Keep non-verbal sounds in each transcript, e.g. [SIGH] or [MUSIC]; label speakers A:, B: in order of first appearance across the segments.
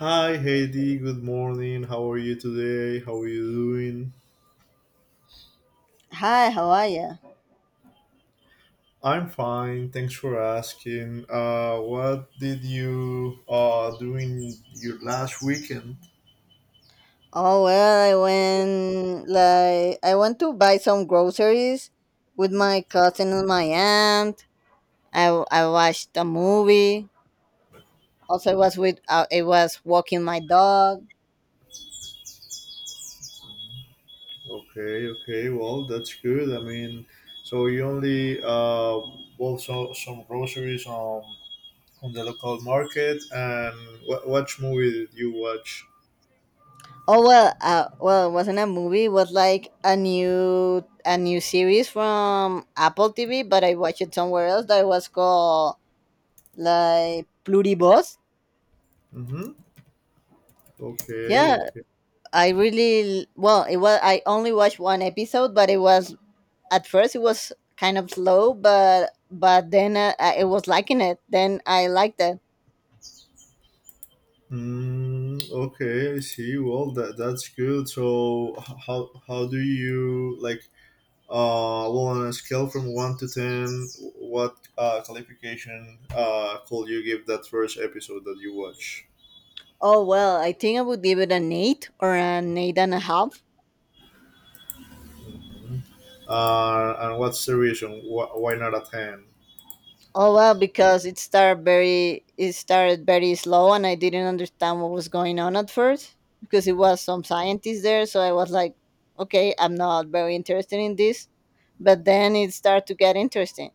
A: Hi Heidi, good morning. How are you today? How are you doing?
B: Hi, how are you?
A: I'm fine. Thanks for asking. What did you do in your last weekend?
B: Oh well, I went to buy some groceries with my cousin and my aunt. I watched a movie. Also, I was walking my dog.
A: Okay, okay. Well, that's good. I mean, so you only bought some groceries on the local market, and what movie did you watch?
B: Oh well, well, it wasn't a movie. It was like a new series from Apple TV, but I watched it somewhere else that was called like Pluribus.
A: Mm-hmm. Okay.
B: Yeah,
A: Okay.
B: I really well. It was I only watched one episode, but it was at first it was kind of slow, but then, I was liking it, then I liked it.
A: Mm, okay, I see. Well, that's good. So, how do you like? Well, on a scale from one to ten, what qualification could you give that first episode that you watch?
B: Oh well, I think I would give it an eight or an eight and a half.
A: Mhm. And what's the reason? Why not a ten?
B: Oh well, because it started very slow, and I didn't understand what was going on at first, because it was some scientists there, so I was like, okay, I'm not very interested in this, but then it started to get interesting.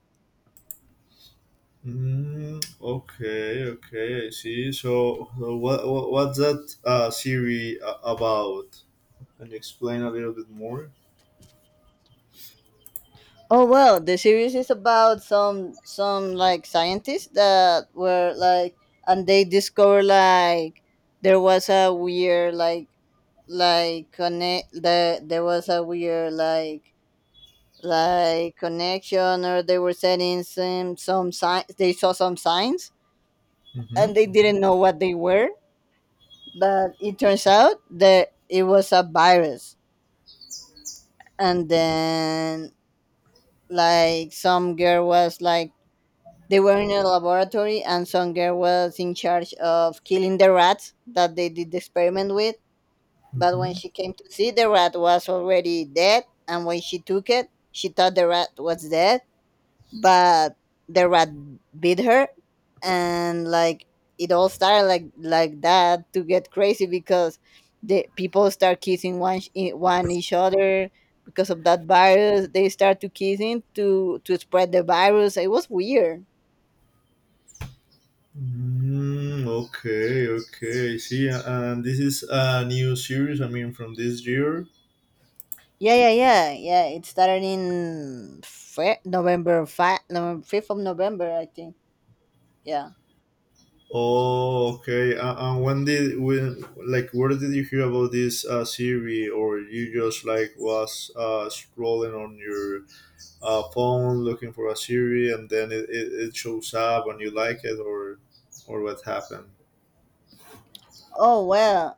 A: Mm, okay, okay, I see. So, what, what's that series about? Can you explain a little bit more?
B: Oh well, the series is about some like scientists that were like, and they discover like there was a weird like there was a weird like connection, or they were setting some signs, they saw some signs, and they didn't know what they were, but it turns out that it was a virus. And then, like some girl was like they were in a laboratory, and some girl was in charge of killing the rats that they did the experiment with. But when
A: Mm-hmm.
B: she came to see, the rat was already dead. And when she took it, she thought the rat was dead, but the rat bit her, and like it all started like that to get crazy because the people start kissing one each other because of that virus. They start to kissing to spread the virus. It was weird.
A: Mm, okay, okay. See, and this is a new series. I mean, from this year.
B: Yeah, yeah, yeah, yeah. It started in November 5th of November, I think. Yeah.
A: Oh, okay. And when did when like where did you hear about this series, or you just like was scrolling on your phone looking for a series, and then it shows up and you like it, or what happened?
B: Oh well,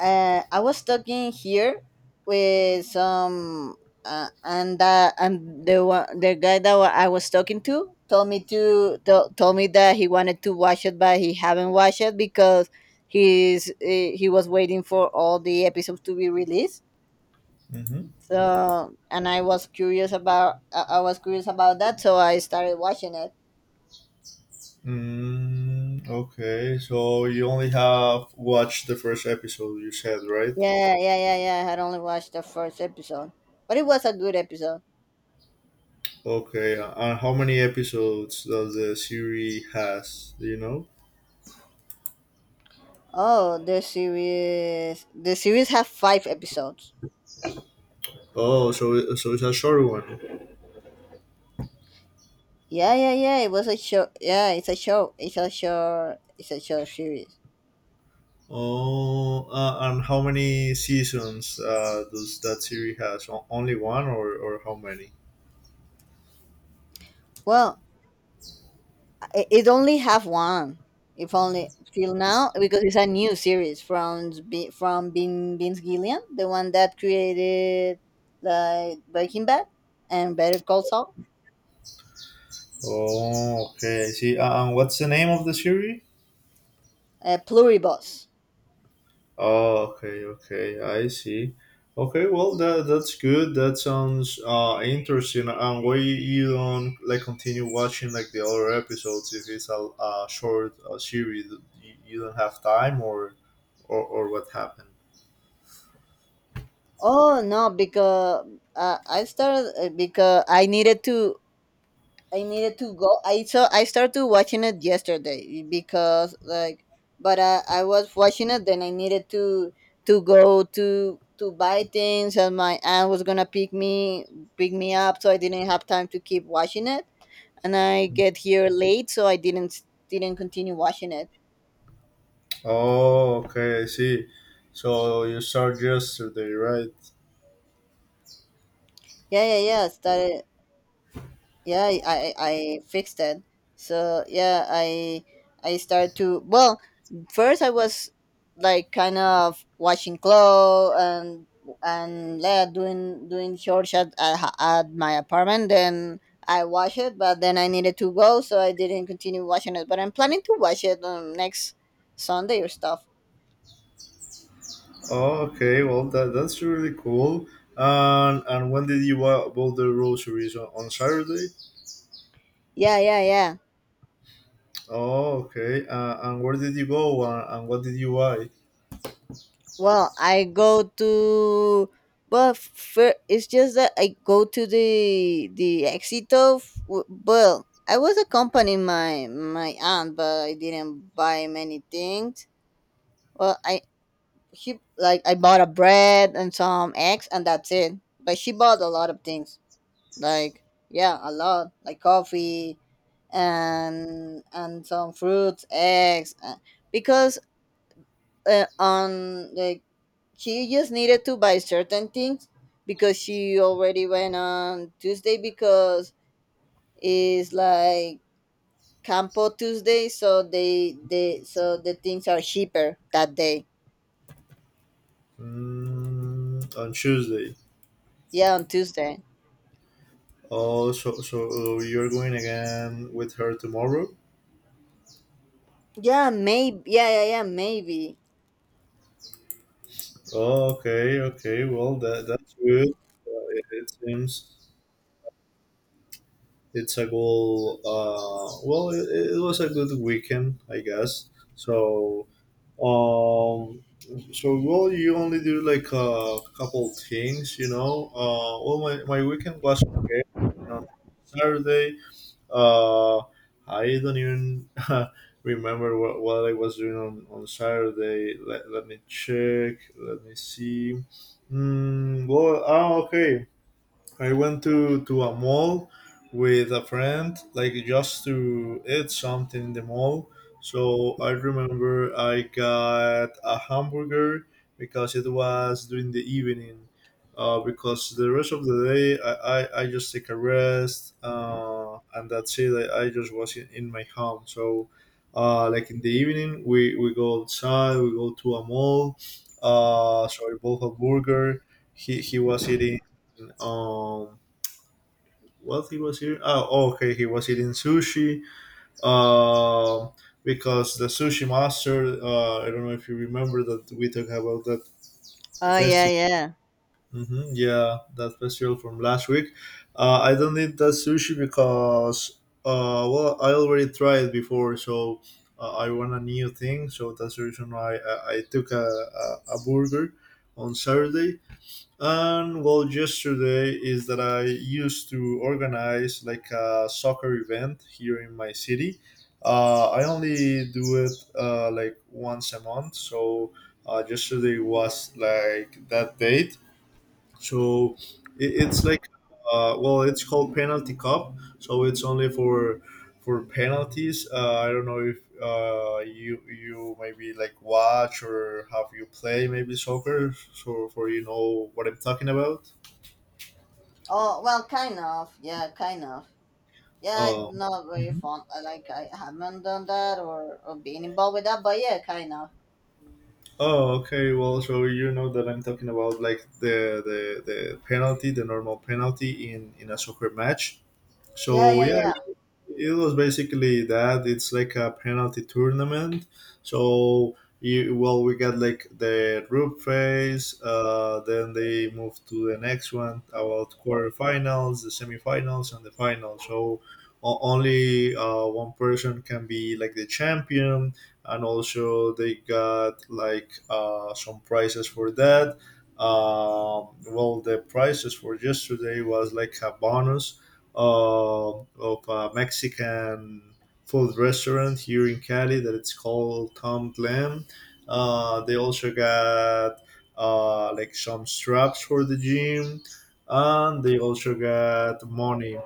B: I was talking here with and the one, the guy I was talking to told me that he wanted to watch it, but he haven't watched it because he was waiting for all the episodes to be released.
A: Mm-hmm.
B: So, and I was curious about that, so I started watching it.
A: Mm, okay, so you only have watched the first episode. You said, right?
B: Yeah, yeah, yeah, yeah. I had only watched the first episode, but it was a good episode.
A: Okay, and how many episodes does the series has? Do you know?
B: Oh, the series. The series have five episodes.
A: Oh, so it's a short one.
B: Yeah, yeah, yeah. It was a show. Yeah, it's a show. It's a show. It's a show series.
A: Oh, and how many seasons does that series has? Only one, or, how many?
B: Well, it only have one, if only till now, because it's a new series from from Bin Vince Gillian, the one that created like Breaking Bad and Better Call Saul.
A: Oh, okay. I see, and what's the name of the series?
B: Pluribus.
A: Oh, okay, okay, I see. Okay, well, that's good. That sounds interesting. And why you don't like continue watching like the other episodes if it's a short series? You don't have time, or, or what happened?
B: Oh no, because I started, because I needed to go. I saw. I started watching it yesterday because like, but I was watching it. Then I needed to go to buy things, and my aunt was gonna pick me up, so I didn't have time to keep watching it. And I get here late, so I didn't continue watching it.
A: Oh, okay, I see. So you start yesterday, right?
B: Yeah, yeah, yeah. Started. Yeah, I fixed that. So yeah, I started to. Well, first I was like kind of washing clothes. And yeah, doing short shot at my apartment. Then I wash it, but then I needed to go, so I didn't continue washing it, but I'm planning to wash it, next Sunday or stuff.
A: Oh, okay, well, that's really cool. And when did you build the rosary on Saturday?
B: Yeah, yeah, yeah.
A: Oh, okay. And where did you go and what did you buy?
B: Well, I go to but fir- it's just that I go to the Exito. Well, I was accompanying my aunt, but I didn't buy many things. Well, I, she like I bought a bread and some eggs, and that's it. But she bought a lot of things, like yeah, a lot, like coffee, and some fruits, eggs, because on like she just needed to buy certain things because she already went on Tuesday, because it's like Campo Tuesday, so the things are cheaper that day.
A: Mm, on Tuesday.
B: Yeah, on Tuesday.
A: Oh, so, so you're going again with her tomorrow?
B: Yeah, maybe. Yeah, yeah, yeah, maybe.
A: Oh, okay, okay. Well, that's good. It, it seems. It's a good well it was a good weekend, I guess. So, um so well, you only do like a couple things. Well, my weekend was okay, you know. Saturday, uh I don't even [LAUGHS] remember what I was doing on Saturday. Let me check, let me see. Well, okay, I went to a mall with a friend, like just to eat something in the mall. So I remember I got a hamburger because it was during the evening. Because the rest of the day, I just take a rest, and that's it. I just was in my home. So, like in the evening, we go outside, we go to a mall. So I bought a burger. He was eating, um what he was eating, oh okay, he was eating sushi, um because the sushi master, I don't know if you remember that we talked about that
B: Oh yeah,
A: festival.
B: yeah.
A: Yeah, that festival from last week. I don't need that sushi because well I already tried before, so I want a new thing, so that's the reason why I took a burger on Saturday. And well, yesterday is that I used to organize like a soccer event here in my city. I only do it like once a month, so yesterday was like that date, so it's like, well it's called penalty cup, so it's only for penalties. I don't know if you maybe like watch or have you play maybe soccer, so for you know what I'm talking about.
B: Oh well, kind of. Yeah, kind of. Yeah, I'm
A: um
B: not very
A: Mhm.
B: fond. I Like I haven't done that, or been involved with that, but yeah, kind of.
A: Oh, okay. Well, so you know that I'm talking about like the penalty, the normal penalty in a soccer match.
B: Yeah,
A: So
B: yeah.
A: yeah, it was basically that. It's like a penalty tournament, so you, well we got like the group phase, then they move to the next one about quarterfinals, the semifinals, and the final. So only one person can be like the champion, and also they got like some prizes for that. Well, the prizes for yesterday was like a bonus of a Mexican food restaurant here in Cali that it's called Tom Lamb. They also got like some straps for the gym, and they also got money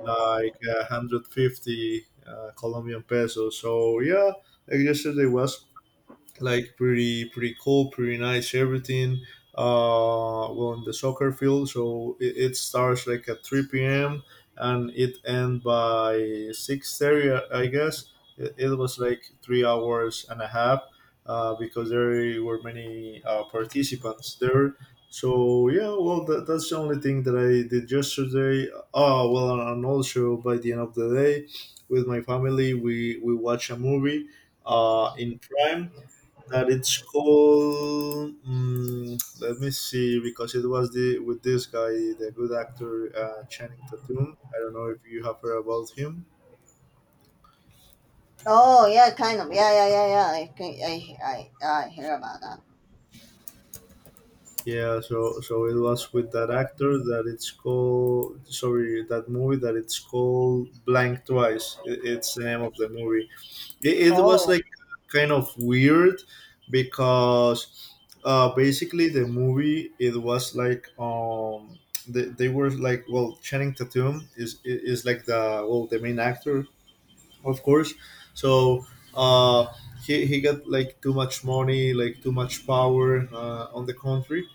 A: like 150 Colombian pesos. So yeah, like yesterday was like pretty pretty cool, pretty nice everything. Well, in the soccer field, so it starts like at three p.m. and it end by 6:30, I guess. It was like 3 hours and a half, because there were many participants there. So yeah, well, that's the only thing that I did yesterday. Oh well, and also by the end of the day, with my family, we watch a movie in Prime that it's called, let me see, because it was the with this guy, the good actor, Channing Tatum. I don't know if you have heard about him.
B: Oh, yeah, kind of. Yeah, yeah, yeah, yeah. I can, I hear about that.
A: Yeah, so so it was with that actor that it's called, sorry, that movie that it's called Blank Twice. It's the name of the movie. It was
B: Oh,
A: like kind of weird because, basically the movie, it was like, they were like, well Channing Tatum is like, the well, the main actor, of course. So uh he got like too much money, like too much power on the country.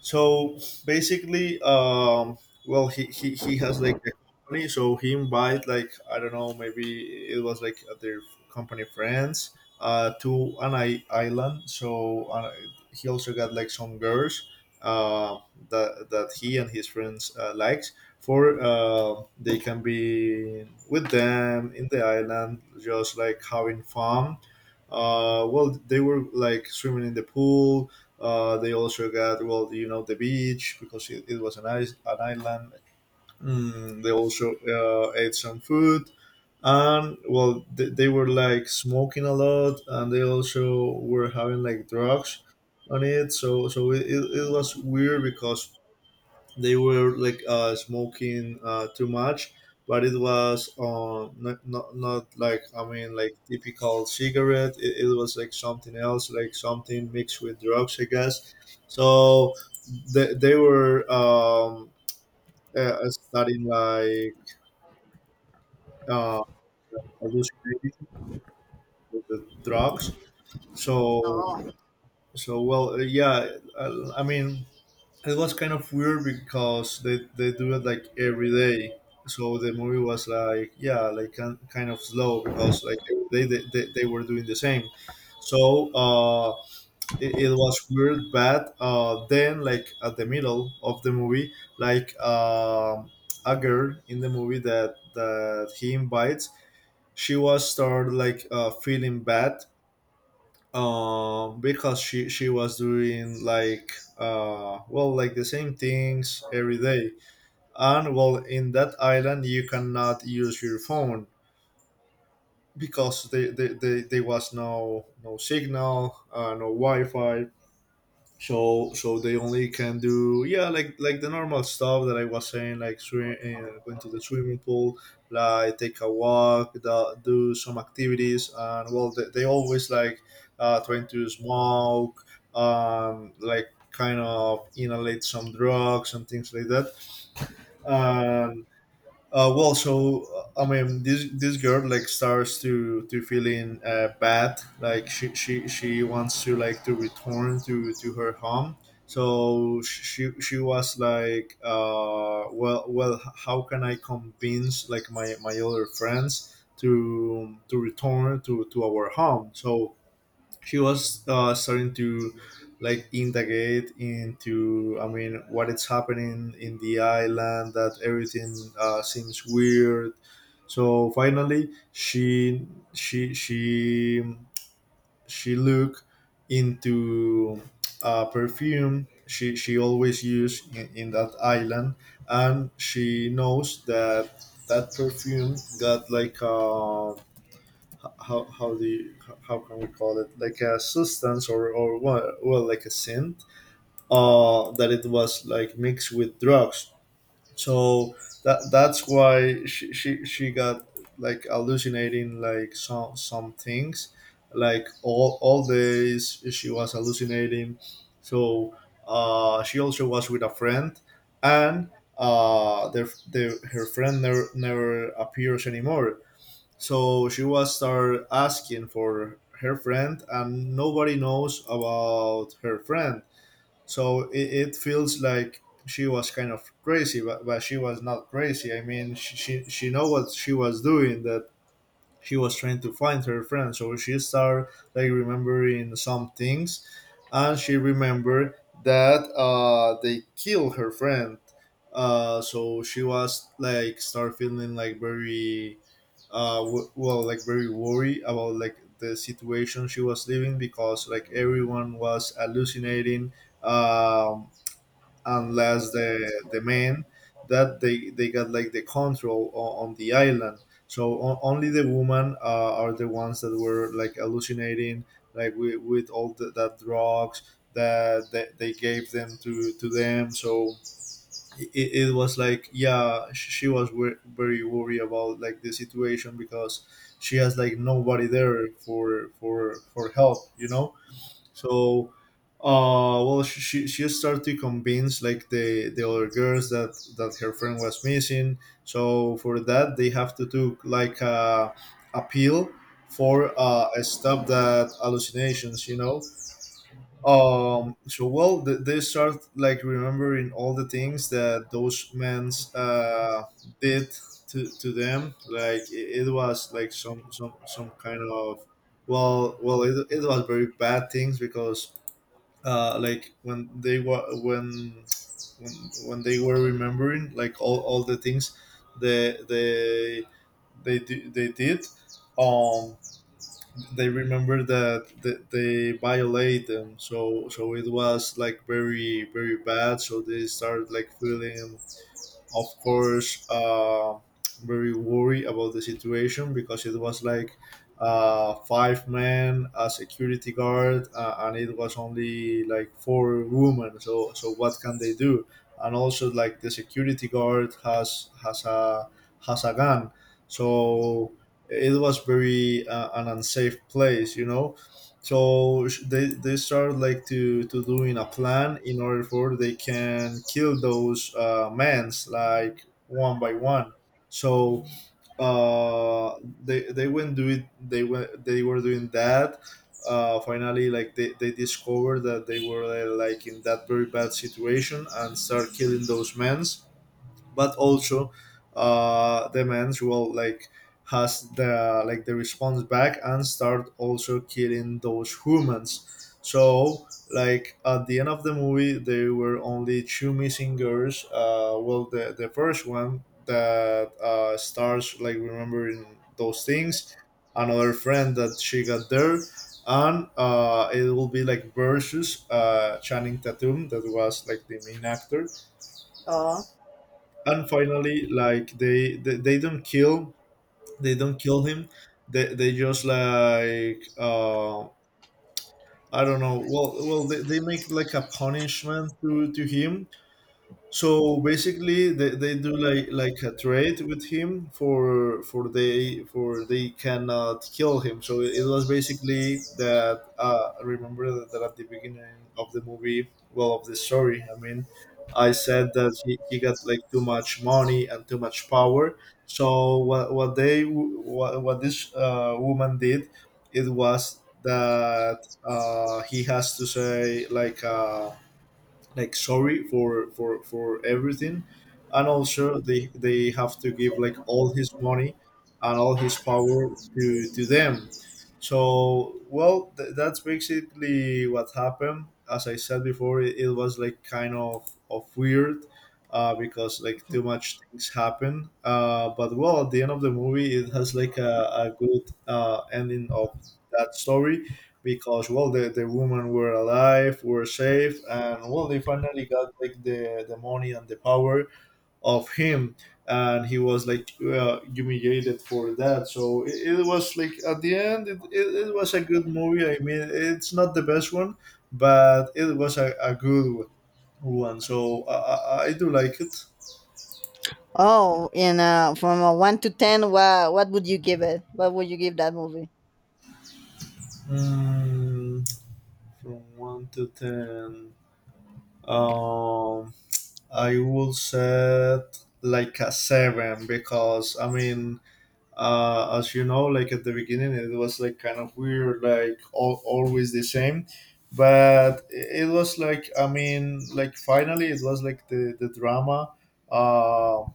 A: So basically, well, he has like a company, so he invite like, I don't know, maybe it was like their company friends to an island. So he also got like some girls uh, that he and his friends likes. For they can be with them in the island, just like having fun. Well they were like swimming in the pool. They also got, well, you know, the beach, because it was an island. They also ate some food, and well they were like smoking a lot, and they also were having like drugs on it. So so it was weird because they were like smoking too much, but it was not like, I mean, like typical cigarette, it was like something else, like something mixed with drugs, I guess. So they were, studying like, uh, hallucinating with the drugs, so
B: oh,
A: so well yeah, I mean, it was kind of weird because they do it like every day. So the movie was like, yeah, like kind of slow because like every day they were doing the same. So it was weird, but then like at the middle of the movie, like a girl in the movie that he invites, she was started like feeling bad, because she was doing like well like the same things every day. And well in that island you cannot use your phone because they was no signal, no wi-fi. So so they only can do, yeah, like the normal stuff that I was saying, like swim, going to the swimming pool, like take a walk, do some activities. And well they always like trying to smoke, like kind of inhalate some drugs and things like that. Well, so I mean, this girl like starts to feeling bad. Like she wants to like to return to her home. So she was like, well well, how can I convince like my other friends to return to our home? So she was starting to like integrate into, I mean, what is happening in the island that everything seems weird. So finally she she she looked into perfume she always used in that island. And she knows that that perfume got like a, how do you, how can we call it, like a substance or, well, well like a synth that it was like mixed with drugs. So that that's why she got like hallucinating like some things, like all days she was hallucinating. So she also was with a friend. And their her friend never never appears anymore. So she was start asking for her friend, and nobody knows about her friend. So it feels like she was kind of crazy, but she was not crazy. I mean, she know what she was doing. That she was trying to find her friend, so she started like remembering some things, and she remembered that they killed her friend. So she was like start feeling like very like very worried about like the situation she was living, because like everyone was hallucinating, um, unless the man that they got like the control on the island. So only the women are the ones that were like hallucinating, like with all that drugs that they gave them to them. So it was like, yeah, she was very worried about like the situation, because she has like nobody there for help. So, well, she started to convince like the other girls that her friend was missing. So for that, they have to do like a appeal for a stop that hallucinations. So well, they start like remembering all the things that those men's did to them. Like it was like some kind of, well, it was very bad things. Because like when they were, when remembering like all the things they they they did, um they remember that they violate them. So it was like very very bad. So they started like feeling, of course, very worried about the situation, because it was like five men, a security guard, and it was only like four women. So, what can they do? And also, like the security guard has a gun, so it was very an unsafe place. So they start like to doing a plan in order for they can kill those mans, like one by one. So, uh they went do it they went they were doing that. Finally, like they discovered that they were like in that very bad situation, and start killing those men. But also, the man's will like has the response back, and start also killing those humans. So, like at the end of the movie, there were only two missing girls. Well, the first one that starts like remembering those things, another friend that she got there, and it will be like versus Channing Tatum, that was like the main actor.
B: oh,
A: And finally, like they don't kill him. They just like I don't know. Well, they make like a punishment to him. So basically, they do like a trade with him, for they cannot kill him. So it was basically that. I remember that at the beginning of the movie, well, of the story, I mean, I said that he got like too much money and too much power. So what this woman did, it was that he has to say like sorry for everything, and also they have to give like all his money and all his power to them. So, well, that's basically what happened. As I said before, it was like kind of weird, because like too much things happen, but well, at the end of the movie, it has like a good ending of that story. Because, well, the women were alive, were safe, and, well, they finally got like the money and the power of him. And he was like humiliated for that. So it was like at the end, it was a good movie. I mean, it's not the best one, but it was a good one. So I do like it.
B: oh. In from a one to ten, what would you give it? What would you give that movie?
A: Mm, from 1 to 10. um I would set like a seven, because I mean, as you know, like at the beginning, it was like kind of weird, like always the same. But it was like, I mean, like finally, it was like the drama. Uh,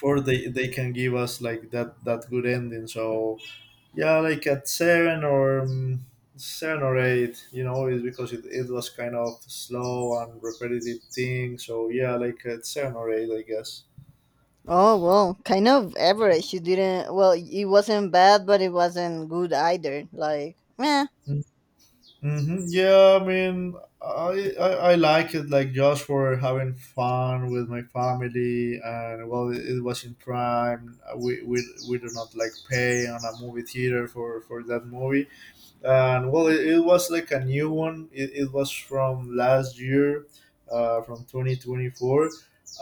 A: for they can give us like that good ending. So yeah, like at seven, or seven or eight, is because it was kind of slow and repetitive thing. So yeah, like at seven or eight, I guess.
B: Oh well, kind of average. You didn't. Well, it wasn't bad, but it wasn't good either. Like, meh.
A: Mm-hmm. Yeah, I mean, I like it, like just for having fun with my family. And well, it was in prime. We do not like pay on a movie theater for that movie. And well, it was like a new one. It was from last year, from 2024.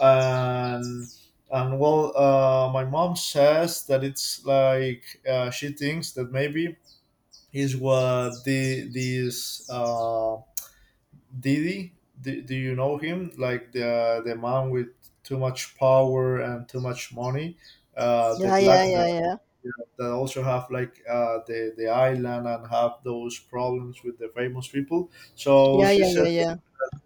A: And and, well, my mom says that it's like, she thinks that, maybe, is what the this didi. Do you know him, like the man with too much power and too much money, the
B: Yeah,
A: black,
B: yeah, yeah, yeah,
A: that also have like the island and have those problems with the famous people? So
B: yeah,
A: she
B: yeah,
A: said
B: yeah,
A: that,
B: yeah.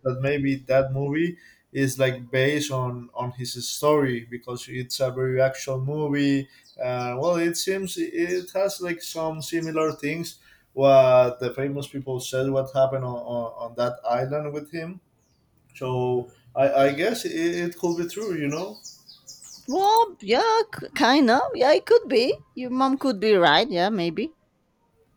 A: that maybe that movie is like based on his story, because it's a very actual movie. Well, it seems it has like some similar things, what the famous people said, what happened on that island with him. So I guess it could be true.
B: Well, yeah, kind of. Yeah, it could be. Your mom could be right. Yeah, maybe.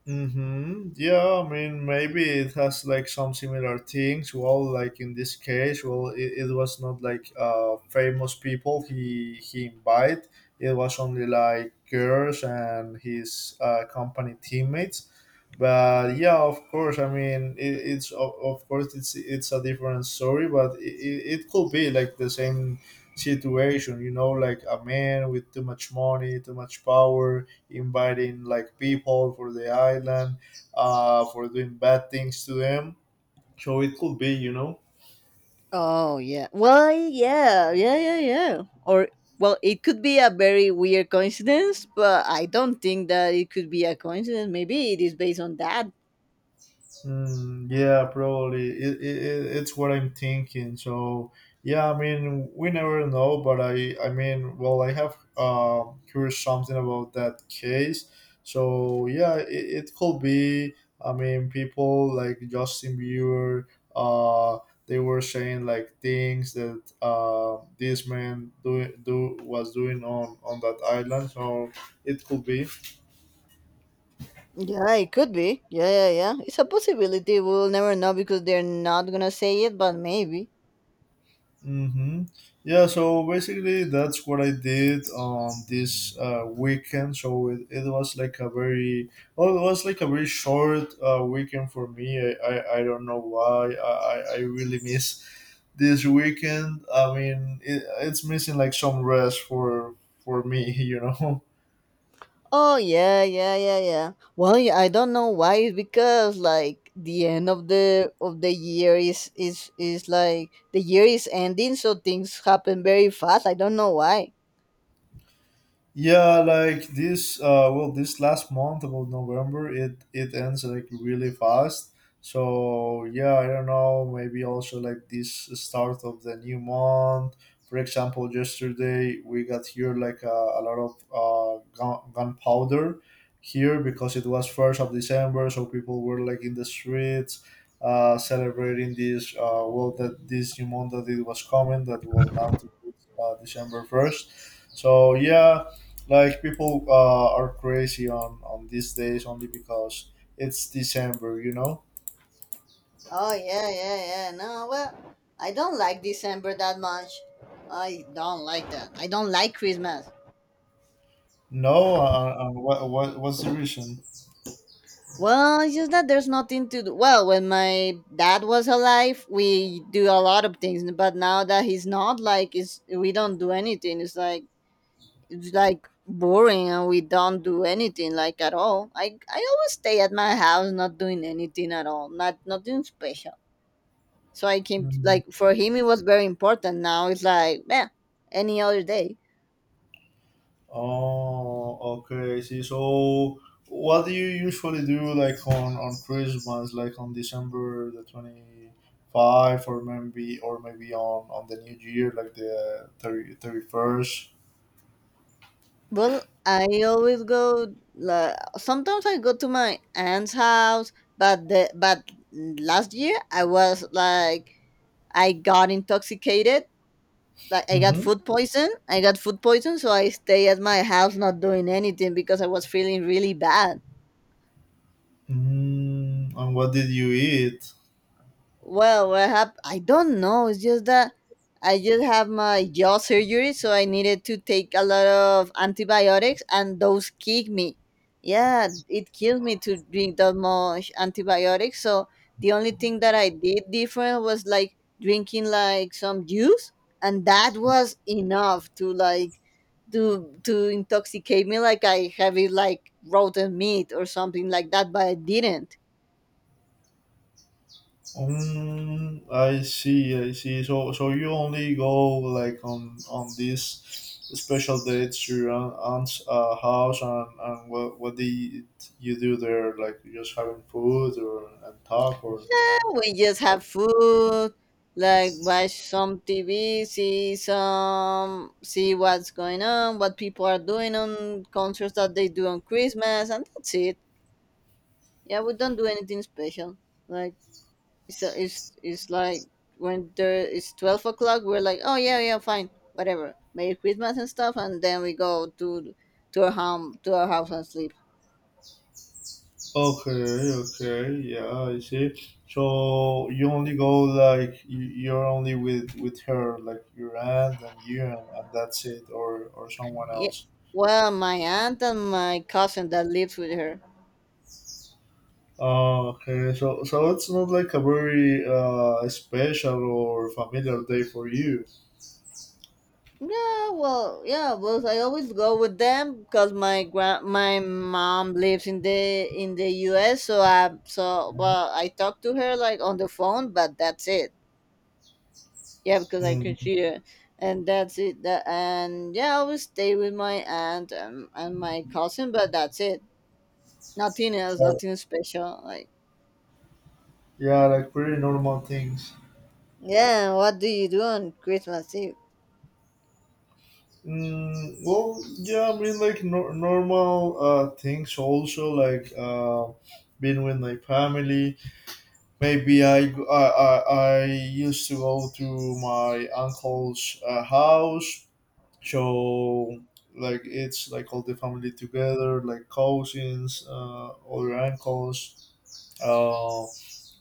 A: Mm-hmm. Yeah, I mean, maybe it has like some similar things. Well, like in this case, well, it was not like famous people he invite. It was only like girls and his company teammates. But yeah, of course, I mean, of course, it's a different story, but it could be like the same situation, like a man with too much money, too much power, inviting like people for the island, for doing bad things to them. So it could be.
B: Oh yeah. Well, yeah, yeah, yeah, yeah. Or well, it could be a very weird coincidence, but I don't think that it could be a coincidence. Maybe it is based on that.
A: Mm, yeah, probably. It's what I'm thinking. So, yeah, I mean, we never know. But I mean, well, I have heard something about that case. So, yeah, it could be. I mean, people like Justin Bieber, uh, they were saying like things that this man do, do was doing on that island. So, it could be.
B: Yeah, it could be. Yeah, yeah, yeah. It's a possibility. We'll never know because they're not gonna say it, but maybe.
A: Mm-hmm. Yeah, so basically that's what I did on this weekend. So it was like a very short weekend for me. I don't know why. I really miss this weekend. I mean, it's missing like some rest for me, [LAUGHS].
B: Oh yeah, yeah, yeah, yeah. Well, yeah, I don't know why. It's because like the end of the year is like the year is ending, so things happen very fast. I don't know why.
A: Yeah, like this. Well, this last month about November, it ends like really fast. So yeah, I don't know. Maybe also like this start of the new month. For example, yesterday we got here like a lot of gunpowder here, because it was 1st of December, so people were like in the streets. Celebrating this, that this new month that it was coming, that will now to December 1st. So yeah, like people are crazy on these days only because it's December.
B: Oh yeah, yeah, yeah. No, well, I don't like December that much. I don't like that. I don't like Christmas.
A: No, what's the reason?
B: Well, it's just that there's nothing to do. Well, when my dad was alive, we do a lot of things, but now that he's not, like, it's we don't do anything. It's like boring, and we don't do anything like at all. I always stay at my house, not doing anything at all. Not nothing special. So I came
A: Hmm.
B: like for him it was very important. Now it's like yeah, any other day.
A: Oh, okay. I see. So, what do you usually do like on Christmas, like on December the 25, or maybe on the New Year, like the 31st?
B: Well, I always go. Like sometimes I go to my aunt's house, but the but last year I was like I got intoxicated. Like I got
A: Mm-hmm.
B: food poison. I got food poison, so I stay at my house not doing anything because I was feeling really bad.
A: Mm, and what did you eat?
B: Well, what happened? I don't know. It's just that I just have my jaw surgery, so I needed to take a lot of antibiotics, and those kick me. Yeah, it killed me to drink that much antibiotics. So the only thing that I did different was like drinking like some juice, and that was enough to like to intoxicate me, like I have it like rotten meat or something like that, but I didn't.
A: I see, I see. So you only go like on these special dates to your aunt's house, and, what do you do there? Like you just having food, or and talk, or?
B: We just have food, like watch some TV, see what's going on, what people are doing on concerts that they do on Christmas, and that's it. Yeah, we don't do anything special. Like it's like, when there it's 12 o'clock, we're like, oh yeah, yeah, fine, whatever, Merry Christmas and stuff, and then we go to our house and sleep.
A: Okay, okay, yeah, I see. So you only go like you're only with her, like your aunt and you, and, that's it, or someone
B: Yeah.
A: else.
B: Well, my aunt and my cousin that lives with her.
A: Oh, okay, so it's not like a very special or familiar day for you.
B: Yeah, well, yeah, well, so I always go with them because my mom lives in the U.S. So
A: Uh-huh.
B: well, I talk to her like on the phone, but that's it. Yeah, because I can
A: Mm,
B: see her, and that's it. That and yeah, I always stay with my aunt, and my cousin, but that's it. Nothing else,
A: so,
B: nothing special. Like,
A: yeah, like pretty normal things.
B: yeah, what do you do on Christmas Eve?
A: Mm, well, yeah, I mean, like nor normal things, also like being with my family. Maybe I used to go to my uncle's house. So like it's like all the family together, like cousins, other uncles. Uh,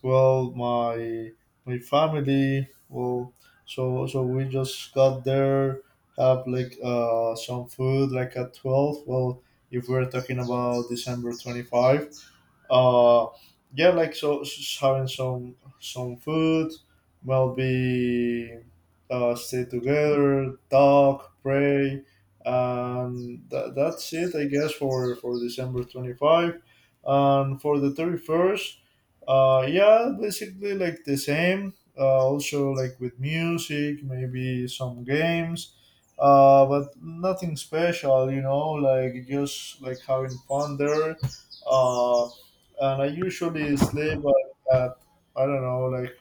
A: well, my family. Well, so we just got there, have like some food like at 12. Well, if we're talking about December 25 uh yeah, like so having some food, well be stay together, talk, pray, and that's it, I guess, for december 25. And for the 31st, yeah, basically like the same, also like with music, maybe some games, but nothing special, like just like having fun there. Uh and I usually sleep at, I don't know, like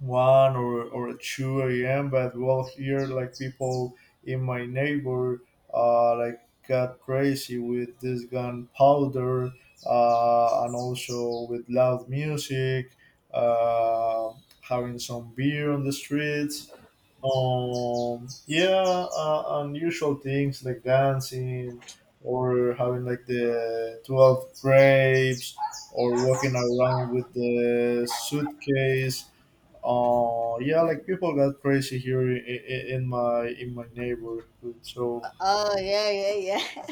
A: one or two a.m. But well, here like people in my neighbor, like got crazy with this gunpowder, and also with loud music, uh, having some beer on the streets. Yeah, Unusual things like dancing or having like the 12 grapes or walking around with the suitcase. Yeah, like people got crazy here in my neighborhood. So
B: Oh yeah, yeah, yeah.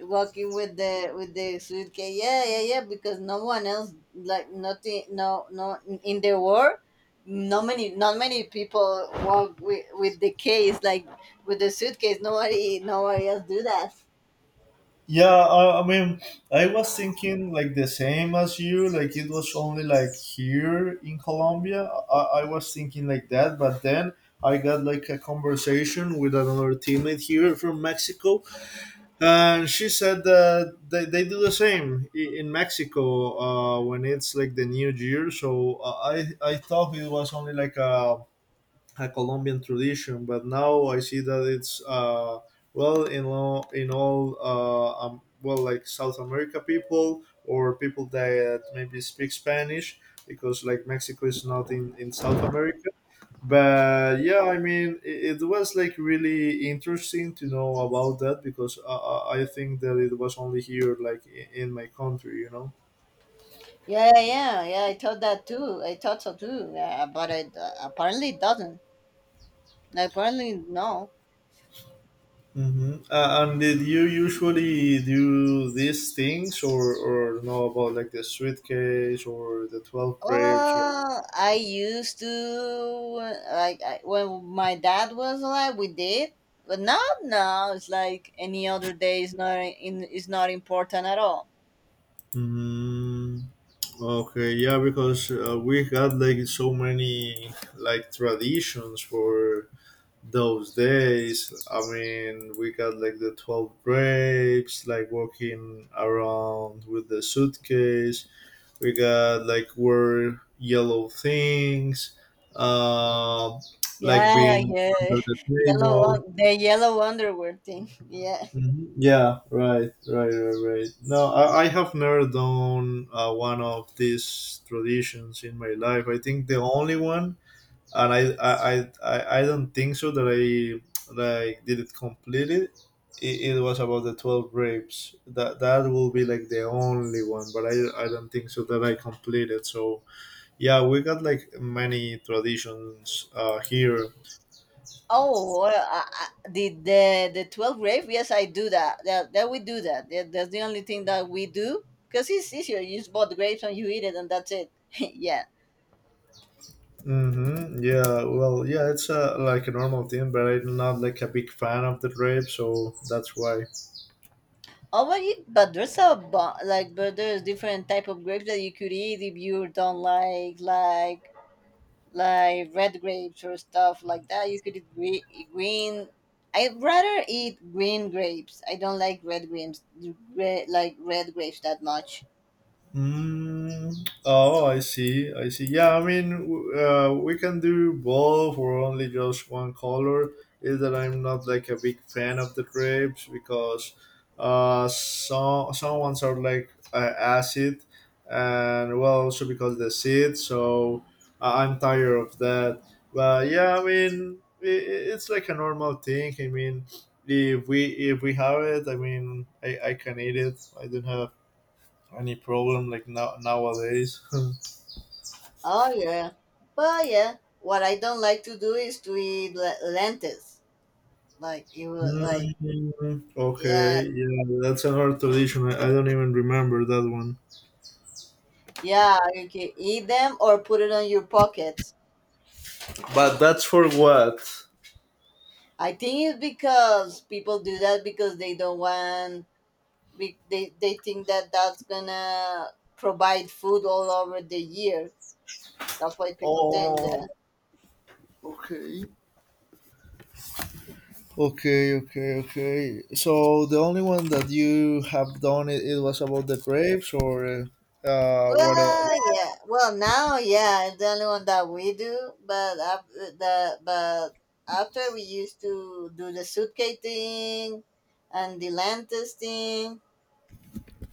B: [LAUGHS] Walking with the suitcase. Yeah, yeah, yeah. Because no one else, like nothing, no, no, in the world, not many people walk with the case, like with the suitcase. Nobody else do that.
A: yeah, I mean, I was thinking like the same as you. Like it was only like here in Colombia. I was thinking like that, but then I got like a conversation with another teammate here from Mexico, and she said that they do the same in Mexico when it's like the New Year. So I thought it was only like a Colombian tradition, but now I see that it's well in all well, like South America people, or people that maybe speak Spanish, because like Mexico is not in South America. But yeah, I mean, it was like really interesting to know about that, because I think that it was only here, like in my country, you know.
B: Yeah, yeah, yeah. Yeah, I thought that too. I thought so too. Yeah, but it apparently it doesn't. Apparently no.
A: Hmm. And did you usually do these things, or know about like the suitcase or the 12 grapes? Or…
B: Well, I used to like when my dad was alive, we did, but not now. It's like any other day is not important at all.
A: Mm, okay, yeah, because we had like so many like traditions for those days. I mean, we got like the 12 grapes, like walking around with the suitcase. We got like wear yellow things, uh, like
B: Yeah,
A: being
B: yeah,
A: under the
B: [LAUGHS]
A: table.
B: the yellow underwear thing. [LAUGHS] Yeah.
A: Mhm. Yeah, right, right, right, right. No, I have never done one of these traditions in my life. I think the only one, and I don't think so that I like did it completely. It was about the 12 grapes. That will be like the only one, but I don't think so that I completed. So yeah, we got like many traditions here.
B: Oh, well, the 12 grave. Yes, I do that. That we do That's the only thing that we do because it's easier. You just bought the grapes and you eat it, and that's it. [LAUGHS] Yeah.
A: Hmm. Yeah, well, yeah, it's like a normal thing, but I'm not like a big fan of the trip, so that's why.
B: Oh, well, but there's a bu- like, but there's different type of grapes that you could eat if you don't like red grapes or stuff like that. You could eat green. I'd rather eat green grapes. I don't like red grapes, like red grapes that much.
A: Mm, oh, I see. I see. Yeah, I mean, we can do both or only just one color. Is that I'm not like a big fan of the grapes because some ones are like acid, and well, also because the seeds. So I'm tired of that. But yeah, I mean, it's like a normal thing. I mean, if we if we have it, I mean, I can eat it. I don't have any problem like nowadays? [LAUGHS]
B: Oh yeah, well yeah. What I don't like to do is to eat lentils. Like you, like
A: Mm,
B: yeah,
A: okay, yeah, that's another tradition. I don't even remember that one.
B: yeah. You can eat them or put it on your pockets.
A: But that's for what?
B: I think it's because people do that because they don't want they think that that's gonna provide food all over the year. That's why people doing
A: Oh,
B: that.
A: okay. Okay, okay, okay. So the only one that you have done it was about the grapes, or what else?
B: Well, yeah. Well, now, yeah, it's the only one that we do. But after the but after we used to do the suitcase thing and the lanterns thing.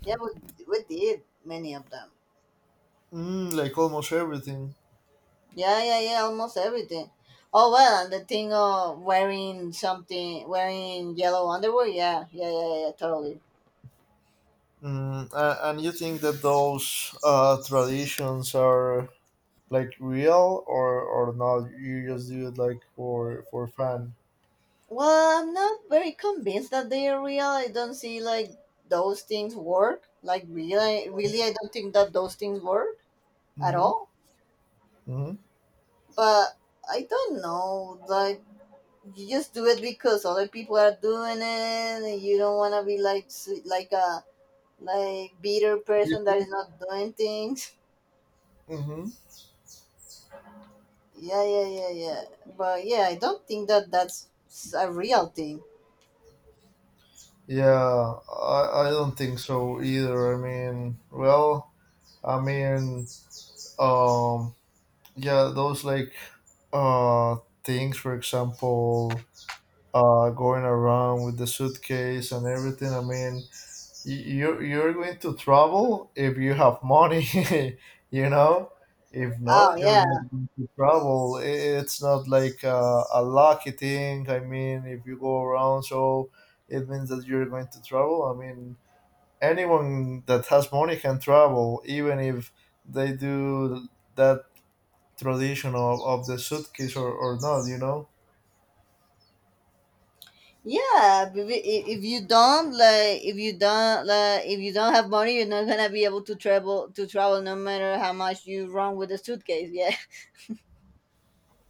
B: Yeah, we did many of them.
A: Mm, like almost everything.
B: Yeah, yeah, yeah, almost everything. Oh well, and the thing of wearing yellow underwear. Yeah, yeah, yeah, yeah, totally.
A: Mm, and you think that those traditions are like real, or not, you just do it like for fun?
B: Well, I'm not very convinced that they are real. I don't see like those things work. Like really, really, I don't think that those things work at
A: Mm-hmm.
B: all.
A: Mm-hmm.
B: But I don't know. Like you just do it because other people are doing it, and you don't want to be like a bitter person that is not doing things.
A: Mm-hmm.
B: Yeah, yeah, yeah, yeah. But yeah, I don't think that that's a real thing.
A: Yeah, I don't think so either. I mean, well, I mean, um, yeah, those like uh things, for example, going around with the suitcase and everything. I mean, you're going to travel if you have money, [LAUGHS] you know, if
B: Oh
A: not you're not
B: yeah,
A: going to travel. It's not like a lucky thing. I mean, if you go around, so it means that you're going to travel. I mean, anyone that has money can travel, even if they do that tradition of the suitcase, or not, you know.
B: yeah. If you don't have money, you're not gonna be able to travel, no matter how much you run with a suitcase. Yeah,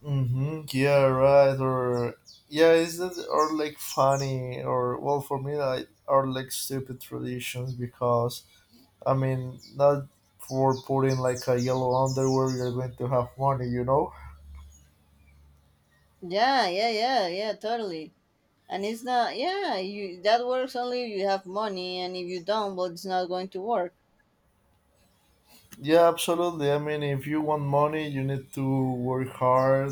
A: Mm-hmm. Yeah, right. Or yeah, is that or like funny or, well, for me like are like stupid traditions, because I mean, not for putting like a yellow underwear you're going to have money, you know?
B: [LAUGHS] yeah, yeah, yeah, yeah. Totally. And it's not. Yeah, you that works only if you have money, and if you don't, well, it's not going to work.
A: Yeah, absolutely. I mean, if you want money you need to work hard,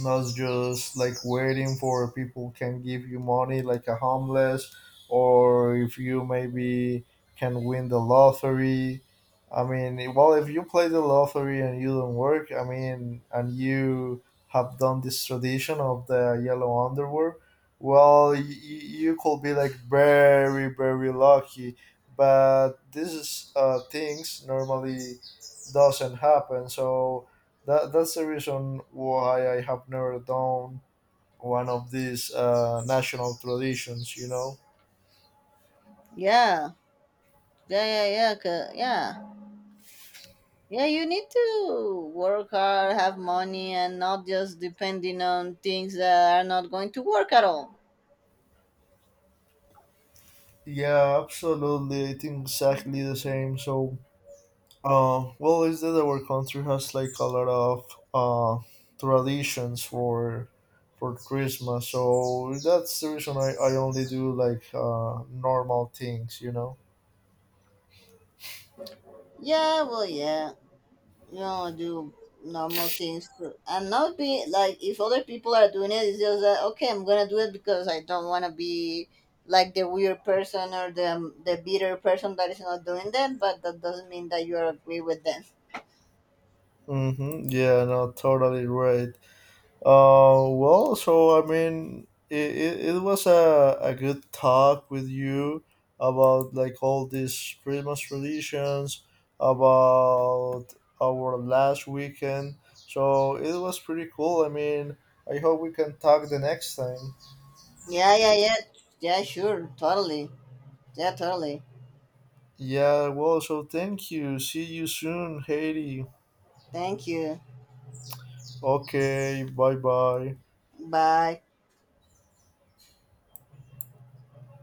A: not just like waiting for people can give you money like a homeless, or if you maybe can win the lottery. I mean, well, if you play the lottery and you don't work, I mean, and you have done this tradition of the yellow underwear, well, you could be like very very lucky, but this is things normally doesn't happen. So that that's the reason why I have never done one of these national traditions. You know.
B: Yeah, yeah, yeah, yeah. Yeah. Yeah, you need to work hard, have money, and not just depending on things that are not going to work at all.
A: Yeah, absolutely. I think exactly the same. So, well, is that our country has like a lot of uh, traditions for Christmas. So that's the reason I only do like normal things. You know.
B: Yeah, well, yeah, do normal things too. And not be like if other people are doing it, it's just that okay, I'm gonna do it because I don't want to be like the weird person or the bitter person that is not doing that, but that doesn't mean that you agree with them.
A: Mm-hmm. Yeah, no, totally right. Well, so I mean, it was a good talk with you about like all these Christmas traditions, about our last weekend. So it was pretty cool. I mean, I hope we can talk the next time.
B: Yeah, yeah, yeah, yeah, sure, totally, yeah, totally.
A: Yeah, well, so thank you. See you soon, Haiti.
B: Thank you.
A: Okay, bye bye.
B: Bye.